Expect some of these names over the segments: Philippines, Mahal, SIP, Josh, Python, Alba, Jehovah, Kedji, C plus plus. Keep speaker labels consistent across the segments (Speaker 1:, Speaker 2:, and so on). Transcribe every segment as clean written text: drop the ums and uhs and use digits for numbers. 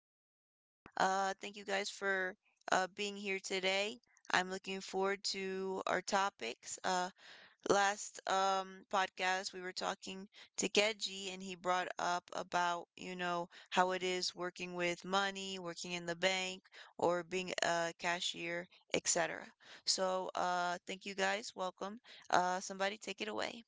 Speaker 1: Josh. Thank you guys for being here today. I'm looking forward to our topics. Last podcast, we were talking to Kedji, and he brought up about, you know, how it is working with money, working in the bank, or being a cashier, etc. So, thank you guys. Welcome. Somebody take it away.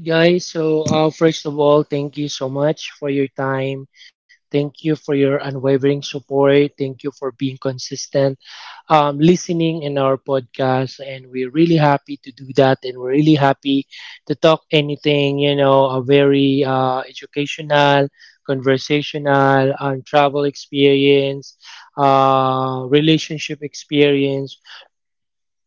Speaker 2: All right, guys. So, first of all, thank you so much for your time. Thank you for your unwavering support. Thank you for being consistent, listening in our podcast. And we're really happy to do that. And we're really happy to talk anything, you know, a very educational, conversational, travel experience, relationship experience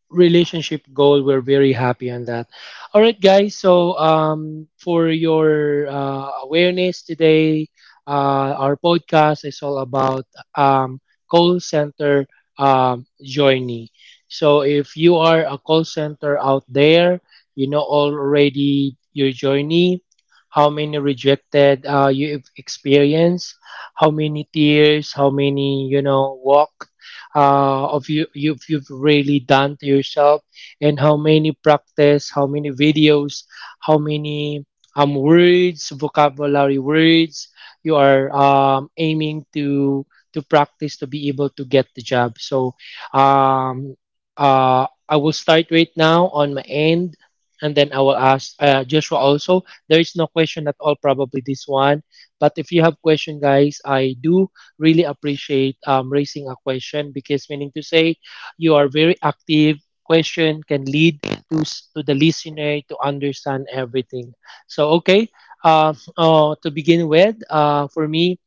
Speaker 2: relationship goal. We're very happy on that. All right, guys. So for your awareness today, our podcast is all about um, call center journey. So if you are a call center out there, you know already your journey. How many rejected you've experienced, how many tears, how many walk of you you've really done to yourself, and how many practice, how many videos, how many words, vocabulary words you are aiming to practice to be able to get the job. So um I will start right now on my end, and then I will ask Joshua also. There is no question at all, probably this one, but if you have question, guys, I do really appreciate raising a question, because meaning to say, you are very active. Question can lead to the listener to understand everything. So okay, to begin with, for me,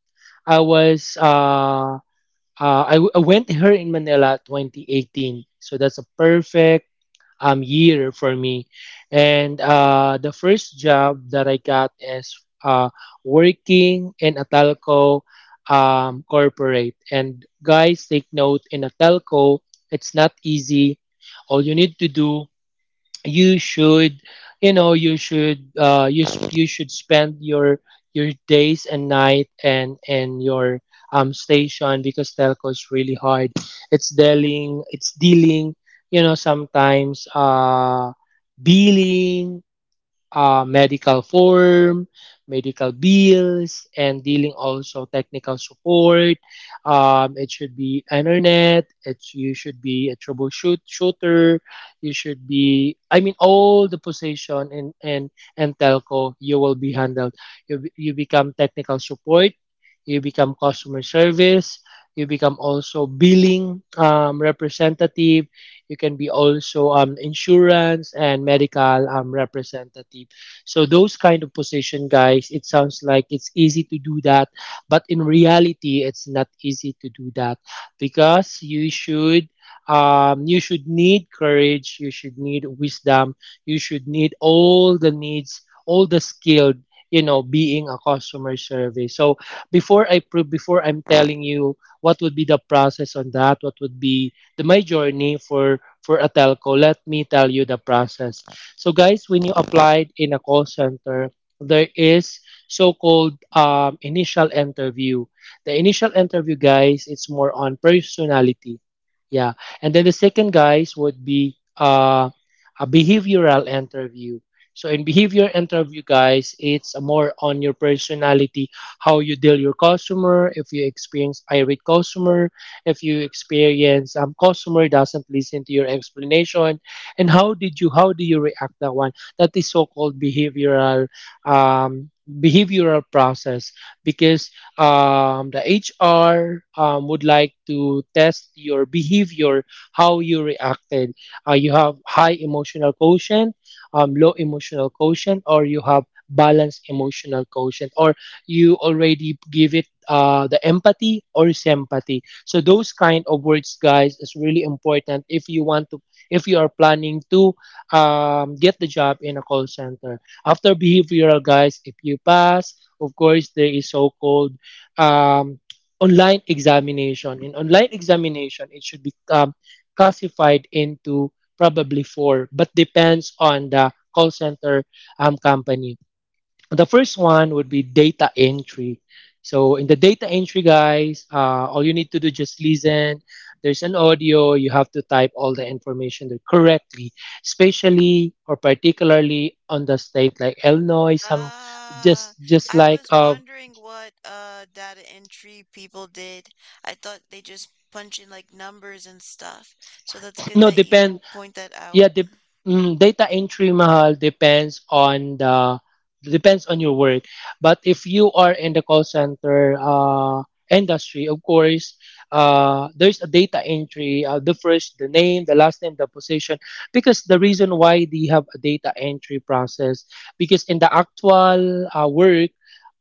Speaker 2: I was I, w- I went here in Manila 2018, so that's a perfect year for me. And the first job that I got is uh, working in a telco corporate. And guys, take note, in a telco, it's not easy. All you need to do, you should, you know, you should you should spend your days and night, and your station, because telco is really hard. It's dealing, you know, sometimes billing, medical form, medical bills, and dealing also technical support. It should be internet. It's, you should be a troubleshoot shooter. You should be. I mean, all the position in and telco you will be handled. You become technical support. You become customer service. You become also billing representative. You can be also insurance and medical representative. So those kind of position, guys, it sounds like it's easy to do that, but in reality, it's not easy to do that, because you should, you should need courage, you should need wisdom, you should need all the needs, all the skilled, you know, being a customer service. So before I'm telling you what would be the process on that, what would be the my journey for a telco, let me tell you the process. So, guys, when you applied in a call center, there is so-called initial interview. The initial interview, guys, it's more on personality. Yeah. And then the second, guys, would be a behavioral interview. So in behavior interview, guys, it's more on your personality, how you deal your customer, if you experience irate customer, if you experience customer doesn't listen to your explanation, and how do you react that one. That is so-called behavioral um process, because the HR would like to test your behavior, how you reacted, you have high emotional quotient, low emotional quotient, or you have balanced emotional quotient, or you already give it the empathy or sympathy. So those kind of words, guys, is really important if you want to, if you are planning to, get the job in a call center. After behavioral, guys, if you pass, of course, there is so-called um, online examination. In online examination, it should be classified into probably four, but depends on the call center company. The first one would be data entry. So in the data entry, guys, all you need to do, just listen. There's an audio. You have to type all the information there correctly, especially or particularly on the state like Illinois. Some
Speaker 1: Ah,
Speaker 2: just
Speaker 1: I
Speaker 2: like
Speaker 1: was wondering what data entry people did. I thought they just punch in like numbers and stuff. So that's good
Speaker 2: no,
Speaker 1: that you
Speaker 2: depend.
Speaker 1: point that out.
Speaker 2: Yeah, the data entry, mahal, depends on the, depends on your work. But if you are in the call center industry, of course, there's a data entry, the first, the name, the last name, the position, because the reason why they have a data entry process, because in the actual work,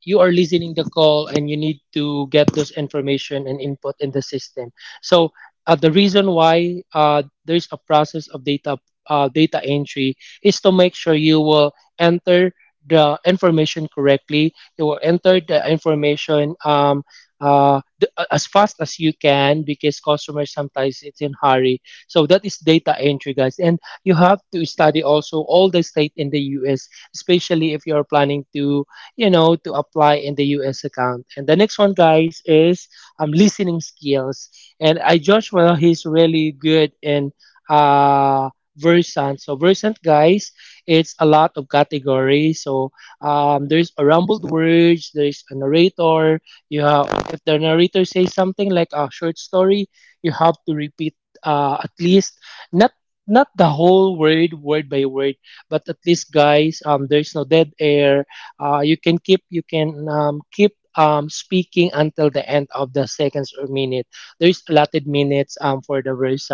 Speaker 2: you are listening the call and you need to get those information and input in the system. So the reason why there's a process of data entry is to make sure you will enter the information correctly. You will enter the information as fast as you can, because customers sometimes it's in hurry. So that is data entry, guys. And you have to study also all the state in the U.S., especially if you're planning to, you know, to apply in the U.S. account. And the next one, guys, is listening skills. And I, Joshua, he's really good in uh Versant. So Versant, guys, it's a lot of categories. So there's a rumbled words, there's a narrator. You have, if the narrator says something like a short story, you have to repeat, at least, not not the whole word, word by word, but at least, guys, there's no dead air. You can keep, you can keep speaking until the end of the seconds or minute. There's allotted minutes for the verse.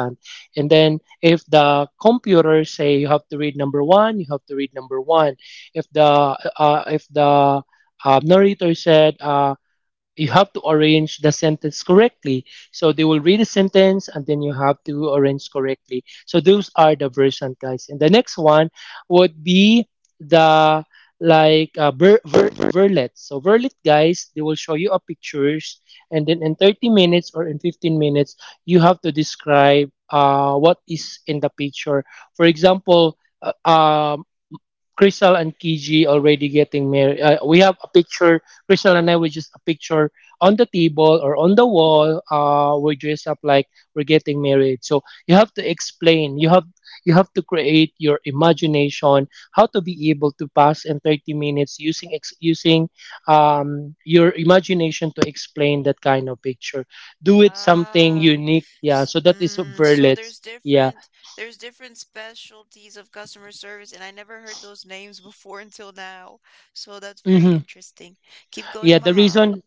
Speaker 2: And then if the computer say you have to read number one, you have to read number one. If the uh, if the narrator said, you have to arrange the sentence correctly. So they will read the sentence, and then you have to arrange correctly. So those are the version, guys. And the next one would be the, like, verlet. So verlet, guys, they will show you a pictures, and then in 30 minutes or in 15 minutes, you have to describe what is in the picture. For example, Crystal and Kiji already getting married. We have a picture. Crystal and I, we just a picture on the table or on the wall. We dress up like we're getting married. So you have to explain. You have, you have to create your imagination how to be able to pass in 30 minutes using using your imagination to explain that kind of picture. Do it something
Speaker 1: Ah,
Speaker 2: unique. Yeah.
Speaker 1: s-
Speaker 2: So that is
Speaker 1: mm, so there's
Speaker 2: verlets. Yeah.
Speaker 1: different specialties of customer service, and I never heard those names before until now. So that's very
Speaker 2: Mm-hmm.
Speaker 1: interesting. Keep going,
Speaker 2: Yeah. The
Speaker 1: Mahal.
Speaker 2: reason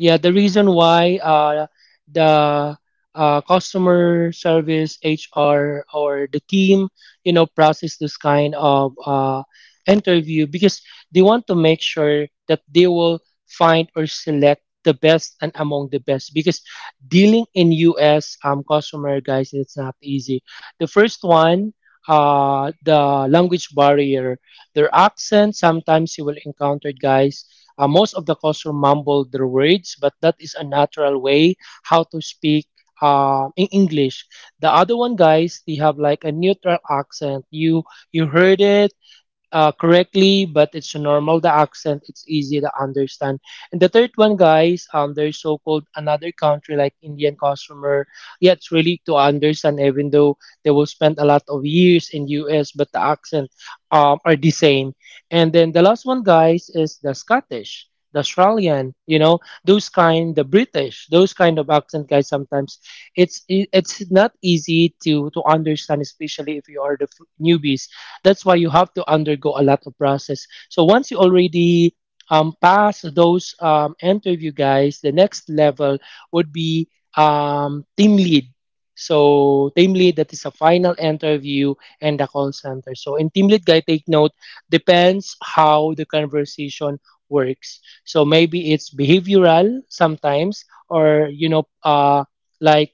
Speaker 2: Yeah, the reason why the customer service, HR, or the team, you know, process this kind of interview, because they want to make sure that they will find or select the best and among the best, because dealing in U.S. Customer, guys, it's not easy. The first one, the language barrier, their accent. Sometimes you will encounter, guys, most of the culture mumble their words, but that is a natural way how to speak in English. The other one, guys, they have like a neutral accent. You heard it correctly, but it's normal. The accent, it's easy to understand. And the third one, guys, there's so-called another country like Indian customer. Yeah, it's really to understand, even though they will spend a lot of years in U.S., but the accent, are the same. And then the last one, guys, is the Scottish. The Australian, you know, those kind, the British, those kind of accent, guys. Sometimes it's not easy to understand, especially if you are the newbies, that's why you have to undergo a lot of process. So once you already pass those interview, guys, the next level would be team lead. So team lead, that is a final interview and the call center. So in team lead, guys, take note. Depends how the conversation works. So maybe it's behavioral sometimes, or you know, like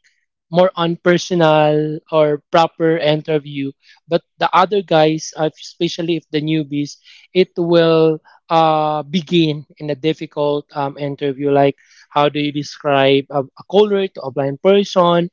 Speaker 2: more on personal or proper interview. But the other guys, especially if the newbies, it will begin in a difficult interview. Like, how do you describe a caller to a blind person?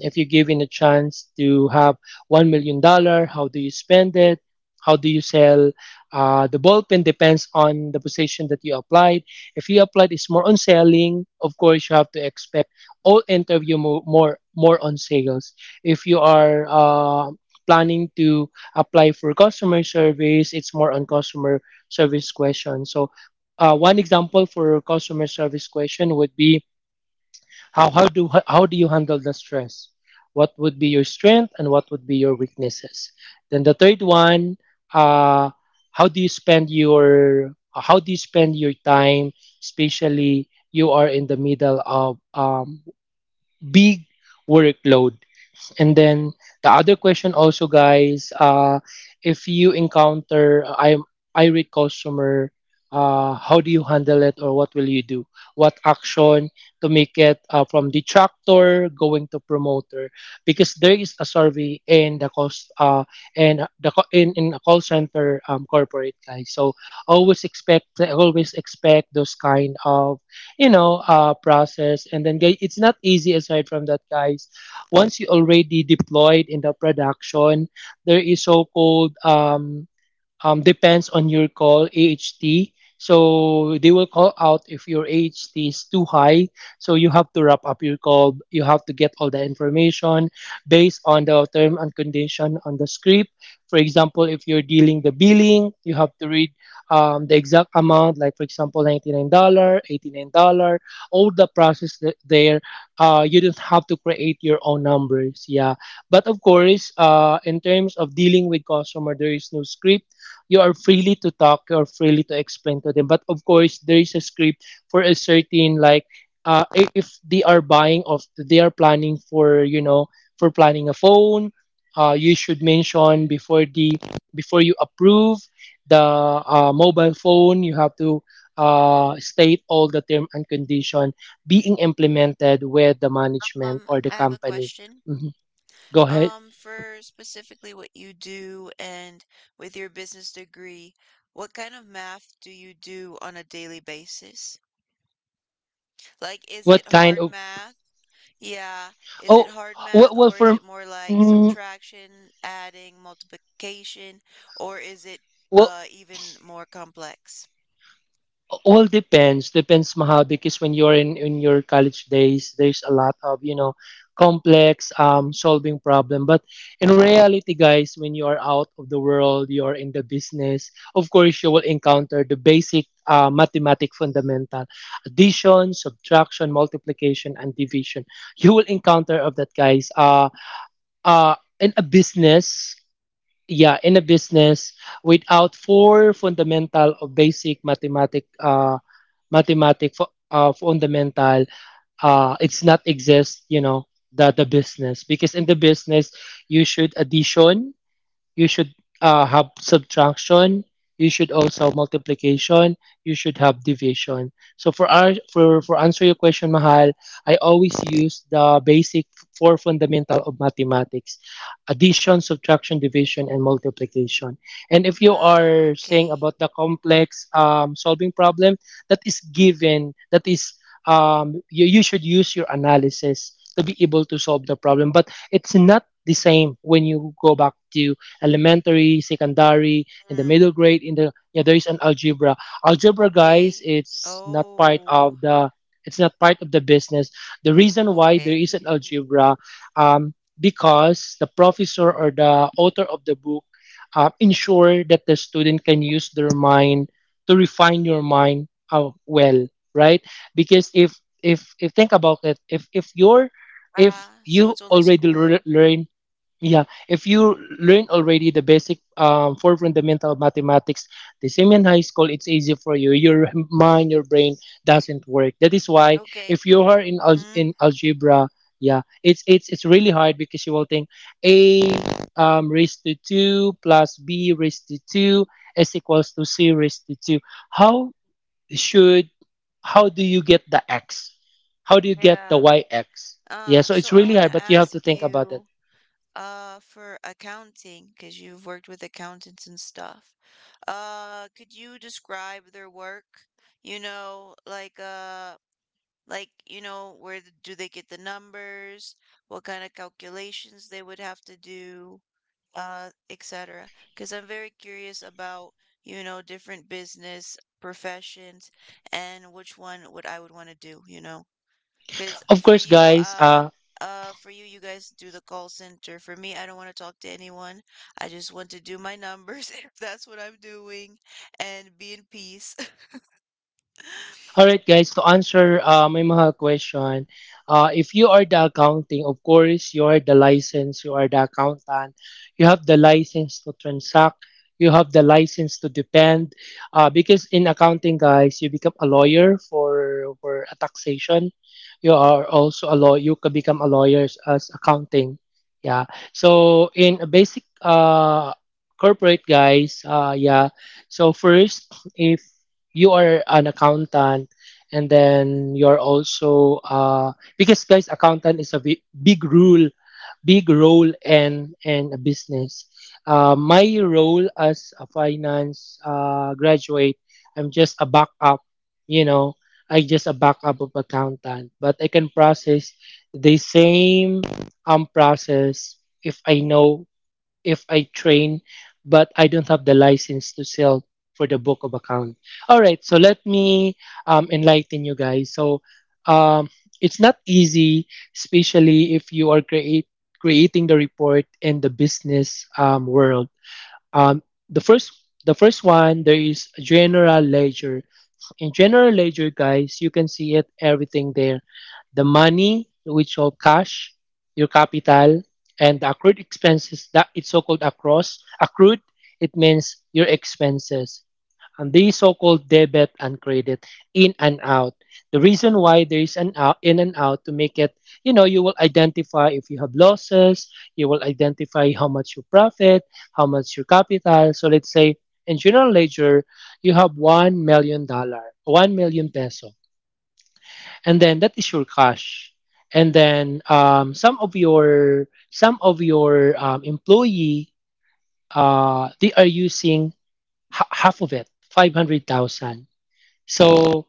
Speaker 2: If you're given a chance to have $1 million, how do you spend it? How do you sell the ballpen? Depends on the position that you applied. If you applied, it's more on selling. Of course, you have to expect all interview more on sales. If you are planning to apply for customer service, it's more on customer service questions. So one example for customer service question would be, how do you handle the stress? What would be your strength, and what would be your weaknesses? Then the third one, uh, how do you spend your how do you spend your time, especially you are in the middle of big workload. And then the other question also, guys, if you encounter I irate customer, how do you handle it, or what will you do? What action to make it, from detractor going to promoter? Because there is a survey in the cost and the in a call center, corporate guys. So always expect those kind of, process. And then guys, it's not easy. Aside from that, guys, once you already deployed in the production, there is so-called, depends on your call AHT. So they will call out if your AHT is too high. So you have to wrap up your call. You have to get all the information based on the term and condition on the script. For example, if you're dealing the billing, you have to read the exact amount, like for example, $99, dollars, $89, all the process there. You don't have to create your own numbers. Yeah. But of course, in terms of dealing with customer, there is no script. You are freely to talk or freely to explain to them. But of course, there is a script for a certain like, if they are buying of they are planning, for planning a phone. You should mention before the, before you approve the, mobile phone, you have to state all the term and condition being implemented with the management or the
Speaker 1: I have a
Speaker 2: company.
Speaker 1: question.
Speaker 2: Mhm. Go ahead.
Speaker 1: For specifically what you do and with your business degree, what kind of math do you do on a daily basis? Like, is it
Speaker 2: What kind
Speaker 1: hard
Speaker 2: of?
Speaker 1: math? Yeah. Is it
Speaker 2: Oh,
Speaker 1: hard
Speaker 2: well,
Speaker 1: math
Speaker 2: well
Speaker 1: or is
Speaker 2: for,
Speaker 1: it more like
Speaker 2: mm,
Speaker 1: subtraction, adding, multiplication, or is it
Speaker 2: well
Speaker 1: even more complex?
Speaker 2: all depends maha, because when you're in your college days, there's a lot of, complex solving problem. But in reality, guys, when you are out of the world, you are in the business, of course you will encounter the basic, mathematic fundamental: addition, subtraction, multiplication, and division. You will encounter of that, guys. In a business, yeah, in a business, without four fundamental or basic mathematic, mathematic fundamental, it's not exist, you know, the business. Because in the business, you should addition, you should have subtraction, you should also multiplication, you should have division. So for our for answer your question, mahal, I always use the basic four fundamental of mathematics: addition, subtraction, division, and multiplication. And if you
Speaker 1: Ah,
Speaker 2: are saying
Speaker 1: okay.
Speaker 2: about the complex solving problem, that is given. That is, you should use your analysis to be able to solve the problem. But it's not the same when you go back to elementary, secondary, and the
Speaker 1: Mm,
Speaker 2: middle grade. In the, yeah, there is an algebra. Algebra, guys,
Speaker 1: okay.
Speaker 2: it's not part
Speaker 1: Oh,
Speaker 2: of the, it's not part of the business. The reason why there is an
Speaker 1: okay.
Speaker 2: algebra, um, because the professor or the author of the book ensure that the student can use their mind to refine your mind, well, right? Because if think about it, if you're, if
Speaker 1: Ah, so
Speaker 2: you
Speaker 1: it's only
Speaker 2: already
Speaker 1: schooling.
Speaker 2: learn, yeah, if you learn already the basic, for fundamental mathematics, the same in high school, it's easy for you. Your mind, your brain doesn't work. That is why
Speaker 1: Okay.
Speaker 2: if you are in
Speaker 1: Mm,
Speaker 2: in algebra, yeah, it's really hard, because you will think a, raised to two plus b raised to two is equals to c raised to two. How should, how do you get the x? How do you get the
Speaker 1: yeah.
Speaker 2: yx? Yeah,
Speaker 1: Uh,
Speaker 2: so
Speaker 1: so
Speaker 2: it's
Speaker 1: I
Speaker 2: really
Speaker 1: want
Speaker 2: hard,
Speaker 1: to
Speaker 2: but you have to
Speaker 1: ask
Speaker 2: think about it.
Speaker 1: you, for accounting, because you've worked with accountants and stuff. Could you describe their work? You know, you know, do they get the numbers? What kind of calculations they would have to do? Etc. Because I'm very curious about, you know, different business professions and which one would I would want to do, you know? Because
Speaker 2: Of
Speaker 1: for
Speaker 2: course,
Speaker 1: you,
Speaker 2: guys,
Speaker 1: uh, for you, you guys do the call center. For me, I don't want to talk to anyone. I just want to do my numbers if that's what I'm doing and be in peace.
Speaker 2: all right, guys, to answer my mga question, if you are the accounting, of course, you are the license, you are the accountant, you have the license to transact, you have the license to depend. Because in accounting, guys, you become a lawyer for a taxation. You are also a law, you can become a lawyer as accounting. Yeah. So in a basic corporate, guys, yeah. So first, if you are an accountant, and then you're also because guys accountant is a big role in a business. My role as a finance graduate, I'm just a backup, you know, I just a backup of accountant, but I can process the same process if I know, if I train, but I don't have the license to sell for the book of account. All right, so let me enlighten you guys. So um, it's not easy, especially if you are create, creating the report in the business world. Um, the first, the first one there is general ledger. In general ledger, guys, you can see it everything there: the money, which all cash, your capital, and the accrued expenses that it's so-called across accrued. It means your expenses, and these so-called debit and credit, in and out. The reason why there is an out, in and out, to make it, you know, you will identify if you have losses, you will identify how much you profit, how much your capital. So let's say in general ledger, you have $1 million, 1 million peso, and then that is your cash. And then, some of your employee, they are using half of it, 500,000. So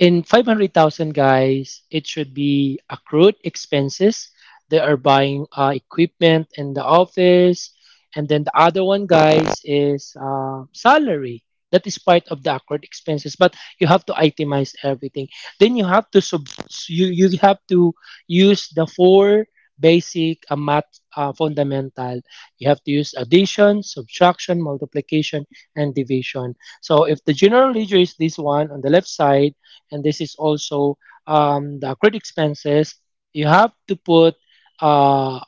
Speaker 2: in 500,000, guys, it should be accrued expenses. They are buying equipment in the office. And then the other one, guys, is salary. That is part of the accrued expenses, but you have to itemize everything. Then you have to sub, you have to use the four basic math fundamental. You have to use addition, subtraction, multiplication, and division. So if the general ledger is this one on the left side, and this is also the accrued expenses. You have to put uh,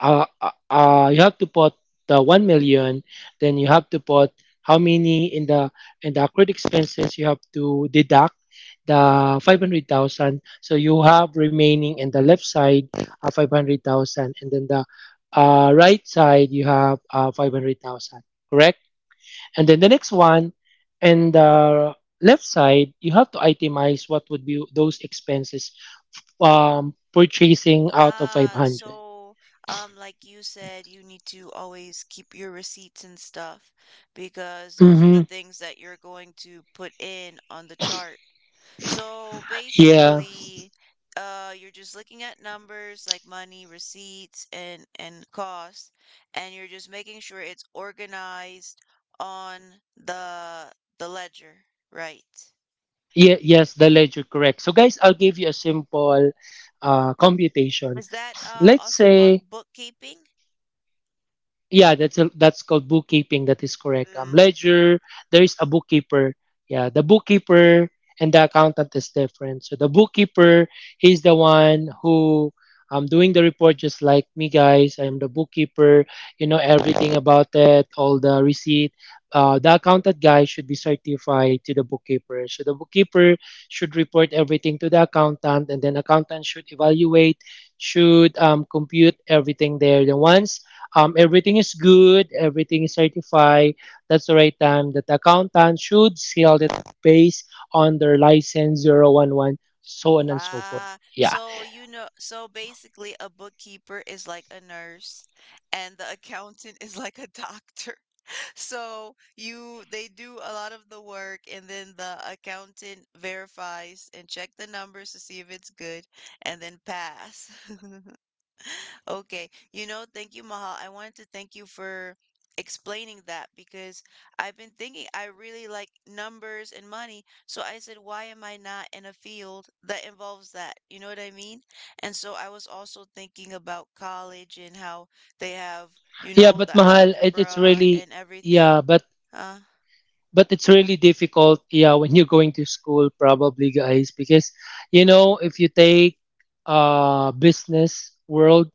Speaker 2: you have to put the 1 million. Then you have to put how many in the, in the accrued expenses. You have to deduct the 500,000. So you have remaining in the left side, 500,000, and then the right side you have 500,000. Correct. And then the next one, and the left side, you have to itemize what would be those expenses, purchasing out of
Speaker 1: Ah,
Speaker 2: 500.
Speaker 1: so like you said, you need to always keep your receipts and stuff because those are the
Speaker 2: Mm-hmm.
Speaker 1: things that you're going to put in on the chart. So
Speaker 2: Yeah.
Speaker 1: basically, you're just looking at numbers like money, receipts, and costs, and you're just making sure it's organized on the the ledger, right?
Speaker 2: Yeah. Yes, the ledger, correct. So guys, I'll give you a simple computation.
Speaker 1: Is that
Speaker 2: Let's
Speaker 1: also called
Speaker 2: say,
Speaker 1: bookkeeping?
Speaker 2: yeah, that's a, that's called bookkeeping, that is correct.
Speaker 1: Mm.
Speaker 2: Ledger, there is a bookkeeper, yeah, the bookkeeper and the accountant is different. So the bookkeeper, he's the one who doing the report, just like me, guys, I'm the bookkeeper, you know everything about it, all the receipt. The accountant guy should be certified to the bookkeeper. So the bookkeeper should report everything to the accountant, and then accountant should evaluate, should compute everything there. Then once everything is good, everything is certified, that's the right time that the accountant should seal it based on their license 0-1-1, so on and so forth.
Speaker 1: Ah,
Speaker 2: Yeah.
Speaker 1: so you know, so basically, a bookkeeper is like a nurse, and the accountant is like a doctor. So you They do a lot of the work and then the accountant verifies and check the numbers to see if it's good and then pass. Okay. You know, thank you, Mahal. I wanted to thank you for explaining that because I've been thinking I really like numbers and money. So I said, why am I not in a field that involves that? You know what I mean? And so I was also thinking about college and how they have, you
Speaker 2: Yeah,
Speaker 1: know,
Speaker 2: but
Speaker 1: the
Speaker 2: Mahal, it's
Speaker 1: algebra
Speaker 2: really,
Speaker 1: and
Speaker 2: yeah,
Speaker 1: everything. Uh,
Speaker 2: but it's really difficult, yeah, when you're going to school, probably, guys, because, you know, if you take business world,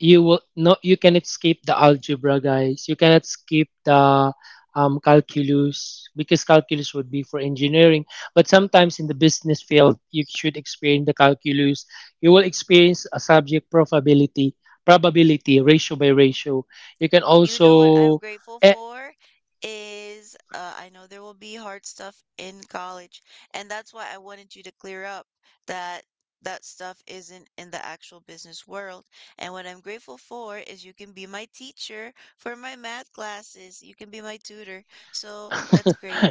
Speaker 2: you will no you cannot skip the algebra, guys. You cannot skip the calculus, because calculus would be for engineering. But sometimes in the business field, you should experience the calculus. You will experience a subject probability, probability ratio by ratio, you can
Speaker 1: You know what I'm
Speaker 2: also
Speaker 1: grateful
Speaker 2: eh,
Speaker 1: for is I know there will be hard stuff in college, and that's why I wanted you to clear up that that stuff isn't in the actual business world. And what I'm grateful for is you can be my teacher for my math classes. You can be my tutor. So that's great.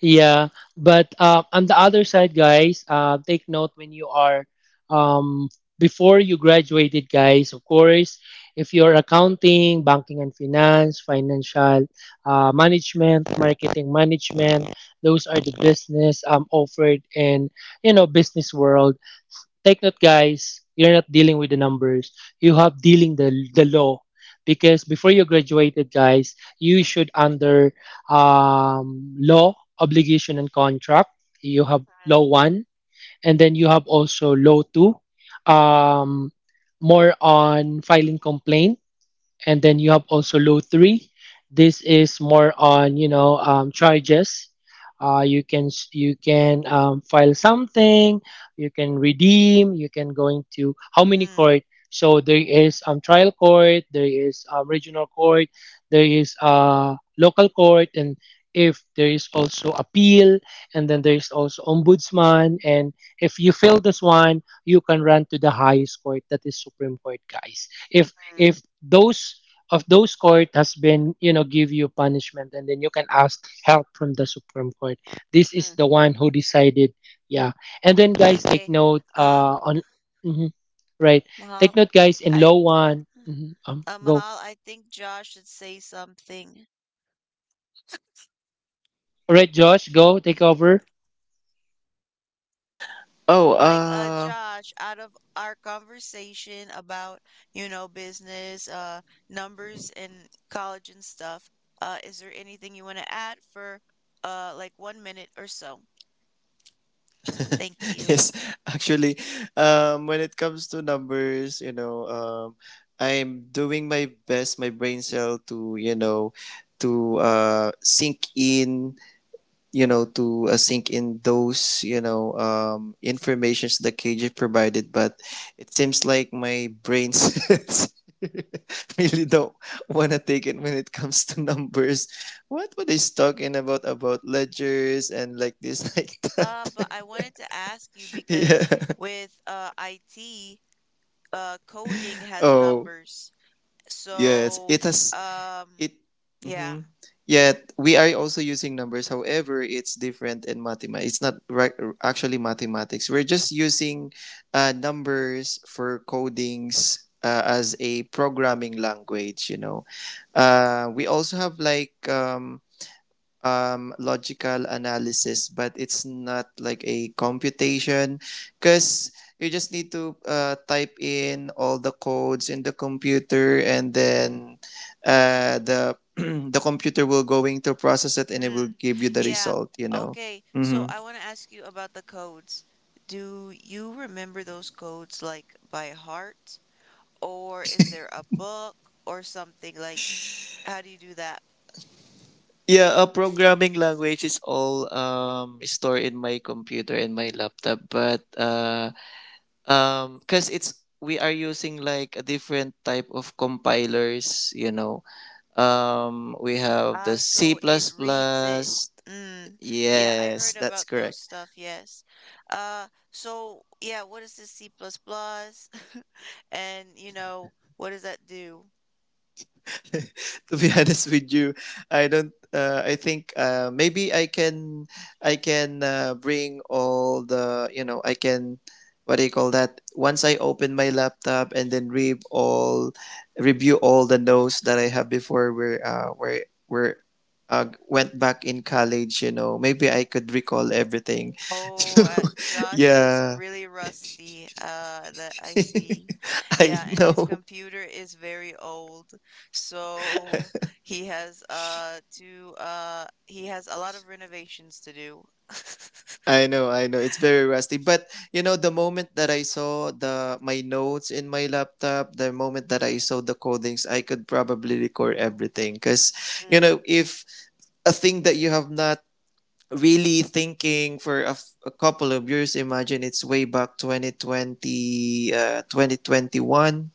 Speaker 2: Yeah, but on the other side, guys, take note, when you are um, before you graduated, guys. Of course, if you're accounting, banking and finance, financial management, marketing management, those are the business offered in, you know, business world. Take note, guys, you're not dealing with the numbers. You have dealing the law, because before you graduated, guys, you should under, law, obligation, and contract. You have law
Speaker 1: Mm,
Speaker 2: one, and then you have also law two, um, more on filing complaint, and then you have also low three. This is more on, you know, charges. You can you can file something, you can redeem, you can go into how many
Speaker 1: mm,
Speaker 2: court. So there is trial court, there is regional court, there is local court, and if there is also appeal, and then there is also ombudsman. And if you fail this one, you can run to the highest court, that is Supreme Court, guys. If
Speaker 1: mm,
Speaker 2: those court has been, you know, give you punishment, and then you can ask help from the Supreme Court, this is
Speaker 1: mm.
Speaker 2: the one who decided. Yeah. And then guys, take
Speaker 1: Okay.
Speaker 2: note
Speaker 1: Uh,
Speaker 2: on, mhm, right, take
Speaker 1: Mahal,
Speaker 2: note guys, in
Speaker 1: I
Speaker 2: law one, mhm, go,
Speaker 1: Mahal, I think Josh should say something.
Speaker 2: all right Josh, go take over.
Speaker 1: Like,
Speaker 3: Oh,
Speaker 1: Josh,
Speaker 3: uh,
Speaker 1: out of our conversation about, you know, business, numbers and college and stuff, is there anything you want to add for, like 1 minute or so? Thank you.
Speaker 3: yes, actually, when it comes to numbers, I'm doing my best, my brain cell to, to sink in, to sink in those, informations the KJ provided, but it seems like my brain cells really don't want to take it when it comes to numbers. What were they talking about ledgers and like this, like
Speaker 1: But
Speaker 3: that?
Speaker 1: I wanted to ask you because
Speaker 3: Yeah.
Speaker 1: with, IT, coding has
Speaker 3: Oh,
Speaker 1: numbers.
Speaker 3: yes.
Speaker 1: So,
Speaker 3: It has
Speaker 1: um,
Speaker 3: it.
Speaker 1: yeah.
Speaker 3: Mm-hmm. Yet we are also using numbers. However, it's different in mathematics. It's not ra- Actually mathematics. We're just using numbers for codings as a programming language. We also have logical analysis, but it's not like a computation because you just need to type in all the codes in the computer and then the the computer will going to process it and it will
Speaker 1: Mm.
Speaker 3: give you the
Speaker 1: Yeah.
Speaker 3: result.
Speaker 1: Okay. So
Speaker 3: Mm-hmm.
Speaker 1: I want to ask you about the codes. Do you remember those codes like by heart, or is there a book or something like how do you do that?
Speaker 3: Yeah, a programming language is all stored in my computer and my laptop, but because it's we are using like a different type of compilers, we have the
Speaker 1: Uh,
Speaker 3: C++.
Speaker 1: so it reads it. Mm. Yeah, I
Speaker 3: Yes,
Speaker 1: heard
Speaker 3: that's
Speaker 1: about those
Speaker 3: correct.
Speaker 1: stuff, yes. So yeah, what is this C plus plus? And you know, what does that do?
Speaker 3: To be honest with you, I don't. I think maybe I can bring all the you know I can what do you call that? Once I open my laptop and then read all review all the notes that I have before where went back in college. You know, maybe I could recall everything.
Speaker 1: Oh,
Speaker 3: So
Speaker 1: Josh is
Speaker 3: yeah.
Speaker 1: really rusty, that I see.
Speaker 3: I
Speaker 1: Yeah, and his
Speaker 3: know.
Speaker 1: computer is very old. So he has a lot of renovations to do.
Speaker 3: I know, it's very rusty. But you know, the moment that I saw the my notes in my laptop, the moment that I saw the codings, I could probably record everything. Cause you
Speaker 1: Mm,
Speaker 3: know, if a thing that you have not really thinking for a, a couple of years, imagine it's way back 2020, 2021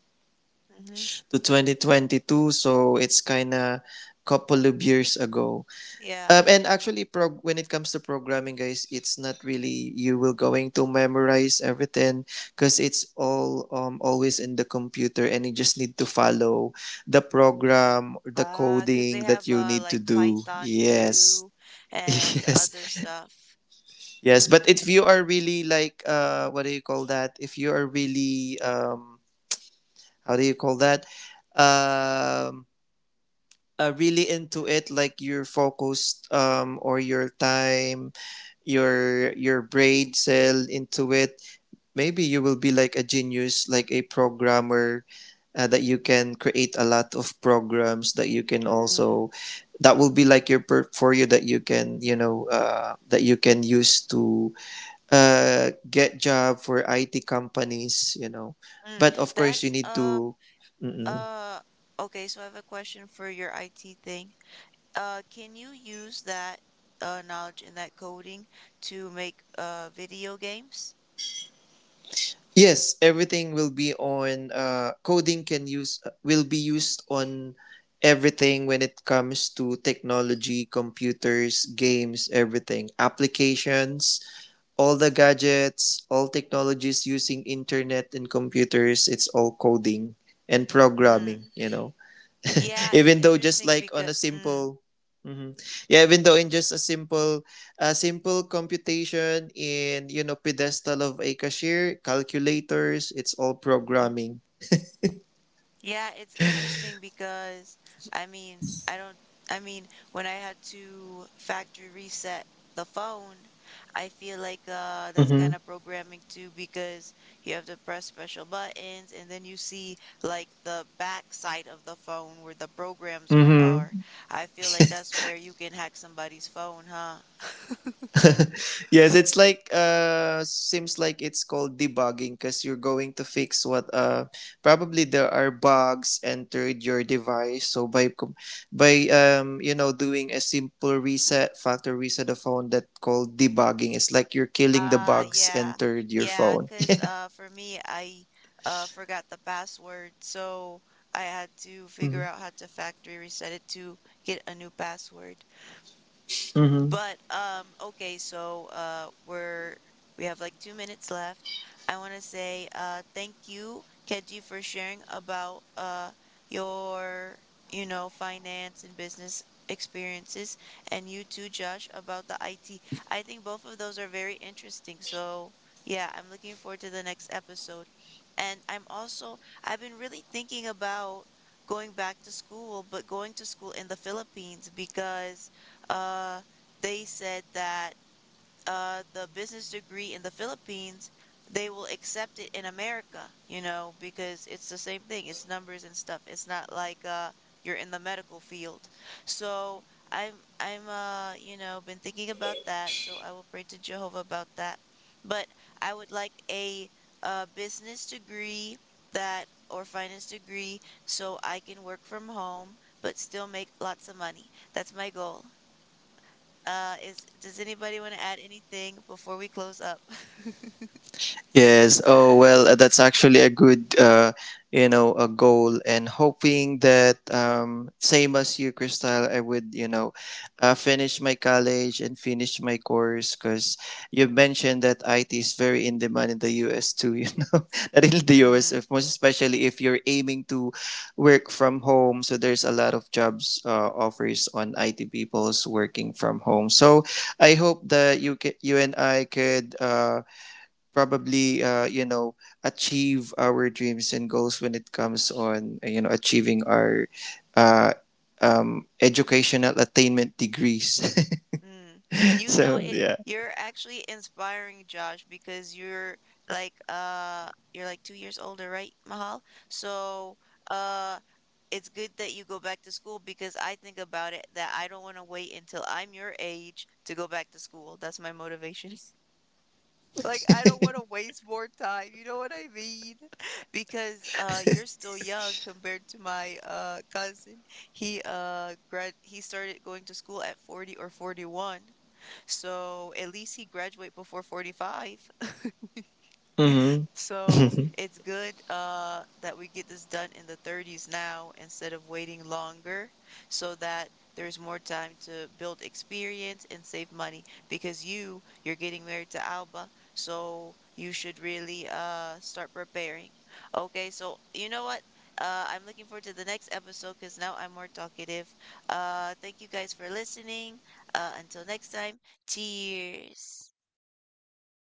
Speaker 1: mm-hmm.
Speaker 3: to 2022. So it's kind of couple of years ago.
Speaker 1: Yeah.
Speaker 3: And actually, when it comes to programming, guys, it's not really you will going to memorize everything because it's all always in the computer, and you just need to follow the program, the
Speaker 1: 'Cause
Speaker 3: coding
Speaker 1: they
Speaker 3: that
Speaker 1: have
Speaker 3: you need to
Speaker 1: like
Speaker 3: do.
Speaker 1: Python
Speaker 3: Yes,
Speaker 1: 2 and other
Speaker 3: yes,
Speaker 1: stuff.
Speaker 3: yes. But if you are really like, what do you call that? If you are really, how do you call that? Um, Really into
Speaker 1: Mm.
Speaker 3: it, like you're focused, or your time your braid cell into it, maybe you will be like a genius, like a programmer, that you can create a lot of programs that you can also,
Speaker 1: Mm.
Speaker 3: that will be like your portfolio that you can, that you can use to get job for IT companies,
Speaker 1: Mm.
Speaker 3: but of course you
Speaker 1: That's
Speaker 3: need to.
Speaker 1: uh okay, so I have a question for your IT thing. Can you use that knowledge in that coding to make video games?
Speaker 3: Yes, everything will be on coding, can use, will be used on everything when it comes to technology, computers, games, everything, applications, all the gadgets, all technologies using internet and computers, it's all coding and programming,
Speaker 1: Mm.
Speaker 3: you know.
Speaker 1: Yeah, it's
Speaker 3: Even though just
Speaker 1: interesting
Speaker 3: like on
Speaker 1: because
Speaker 3: a
Speaker 1: mm,
Speaker 3: simple. Mhm. Yeah, even though in just a simple computation in, you know, pedestal of a cashier calculators, it's all
Speaker 1: mhm.
Speaker 3: programming.
Speaker 1: Yeah, it's interesting because I mean, I don't, I mean, when I had to factory reset the phone, I feel like that's
Speaker 3: Mm-hmm.
Speaker 1: kind of programming too because you have to press special buttons and then you see like the back side of the phone where the programs are.
Speaker 3: Mm-hmm.
Speaker 1: I feel like that's where you can hack somebody's phone, huh?
Speaker 3: Yes, it's like seems like it's called debugging because you're going to fix what probably there are bugs entered your device. So by you know, doing a simple reset, factory reset of phone, that called debugging. It's like you're killing the
Speaker 1: Ah,
Speaker 3: bugs
Speaker 1: yeah.
Speaker 3: entered your
Speaker 1: Yeah,
Speaker 3: phone.
Speaker 1: 'cause for me I forgot the password, so I had to
Speaker 3: Mm-hmm.
Speaker 1: figure out how to factory reset it to get a new password. But, okay, so, we have like 2 minutes left. I wanna say, thank you, Keji, for sharing about, your, you know, finance and business experiences, and you too, Josh, about the IT. I think both of those are very interesting. So, yeah, I'm looking forward to the next episode. And I'm also I've been really thinking about going back to school, but going to school in the Philippines because, uh, they said that the business degree in the Philippines, they will accept it in America, you know, because it's the same thing. It's numbers and stuff. It's not like you're in the medical field. So I'm I'm you know, been thinking about that. So I will pray to Jehovah about that. But I would like a business degree that or finance degree so I can work from home but still make lots of money. That's my goal. Is Does anybody want to add anything before we close up?
Speaker 3: Yes. Oh well, that's actually a good, you know, a goal, and hoping that same as you, Crystal, I would, you know, finish my college and finish my course because you mentioned that IT is very in demand in the US too. You know, not in the US,
Speaker 1: Mm-hmm.
Speaker 3: if, most especially if you're aiming to work from home, so there's a lot of jobs offers on IT people's working from home. So I hope that you and I could. Probably achieve our dreams and goals when it comes on achieving our uh, educational attainment degrees.
Speaker 1: Mm. You know
Speaker 3: So
Speaker 1: it,
Speaker 3: yeah.
Speaker 1: you're actually inspiring Josh because you're like 2 years older, right, Mahal? So uh it's good that you go back to school because I think about it that I don't want to wait until I'm your age to go back to school. That's my motivation. Like, I don't want to waste more time, you know what I mean? Because you're still young compared to my cousin. He started going to school at 40 or 41. So, at least he graduated before 45. So
Speaker 3: Mm-hmm.
Speaker 1: it's good that we get this done in the 30s now instead of waiting longer so that there's more time to build experience and save money because you're getting married to Alba, so you should really start preparing. Okay, so you know what? I'm looking forward to the next episode because now I'm more talkative. Thank you guys for listening. Until next time, cheers.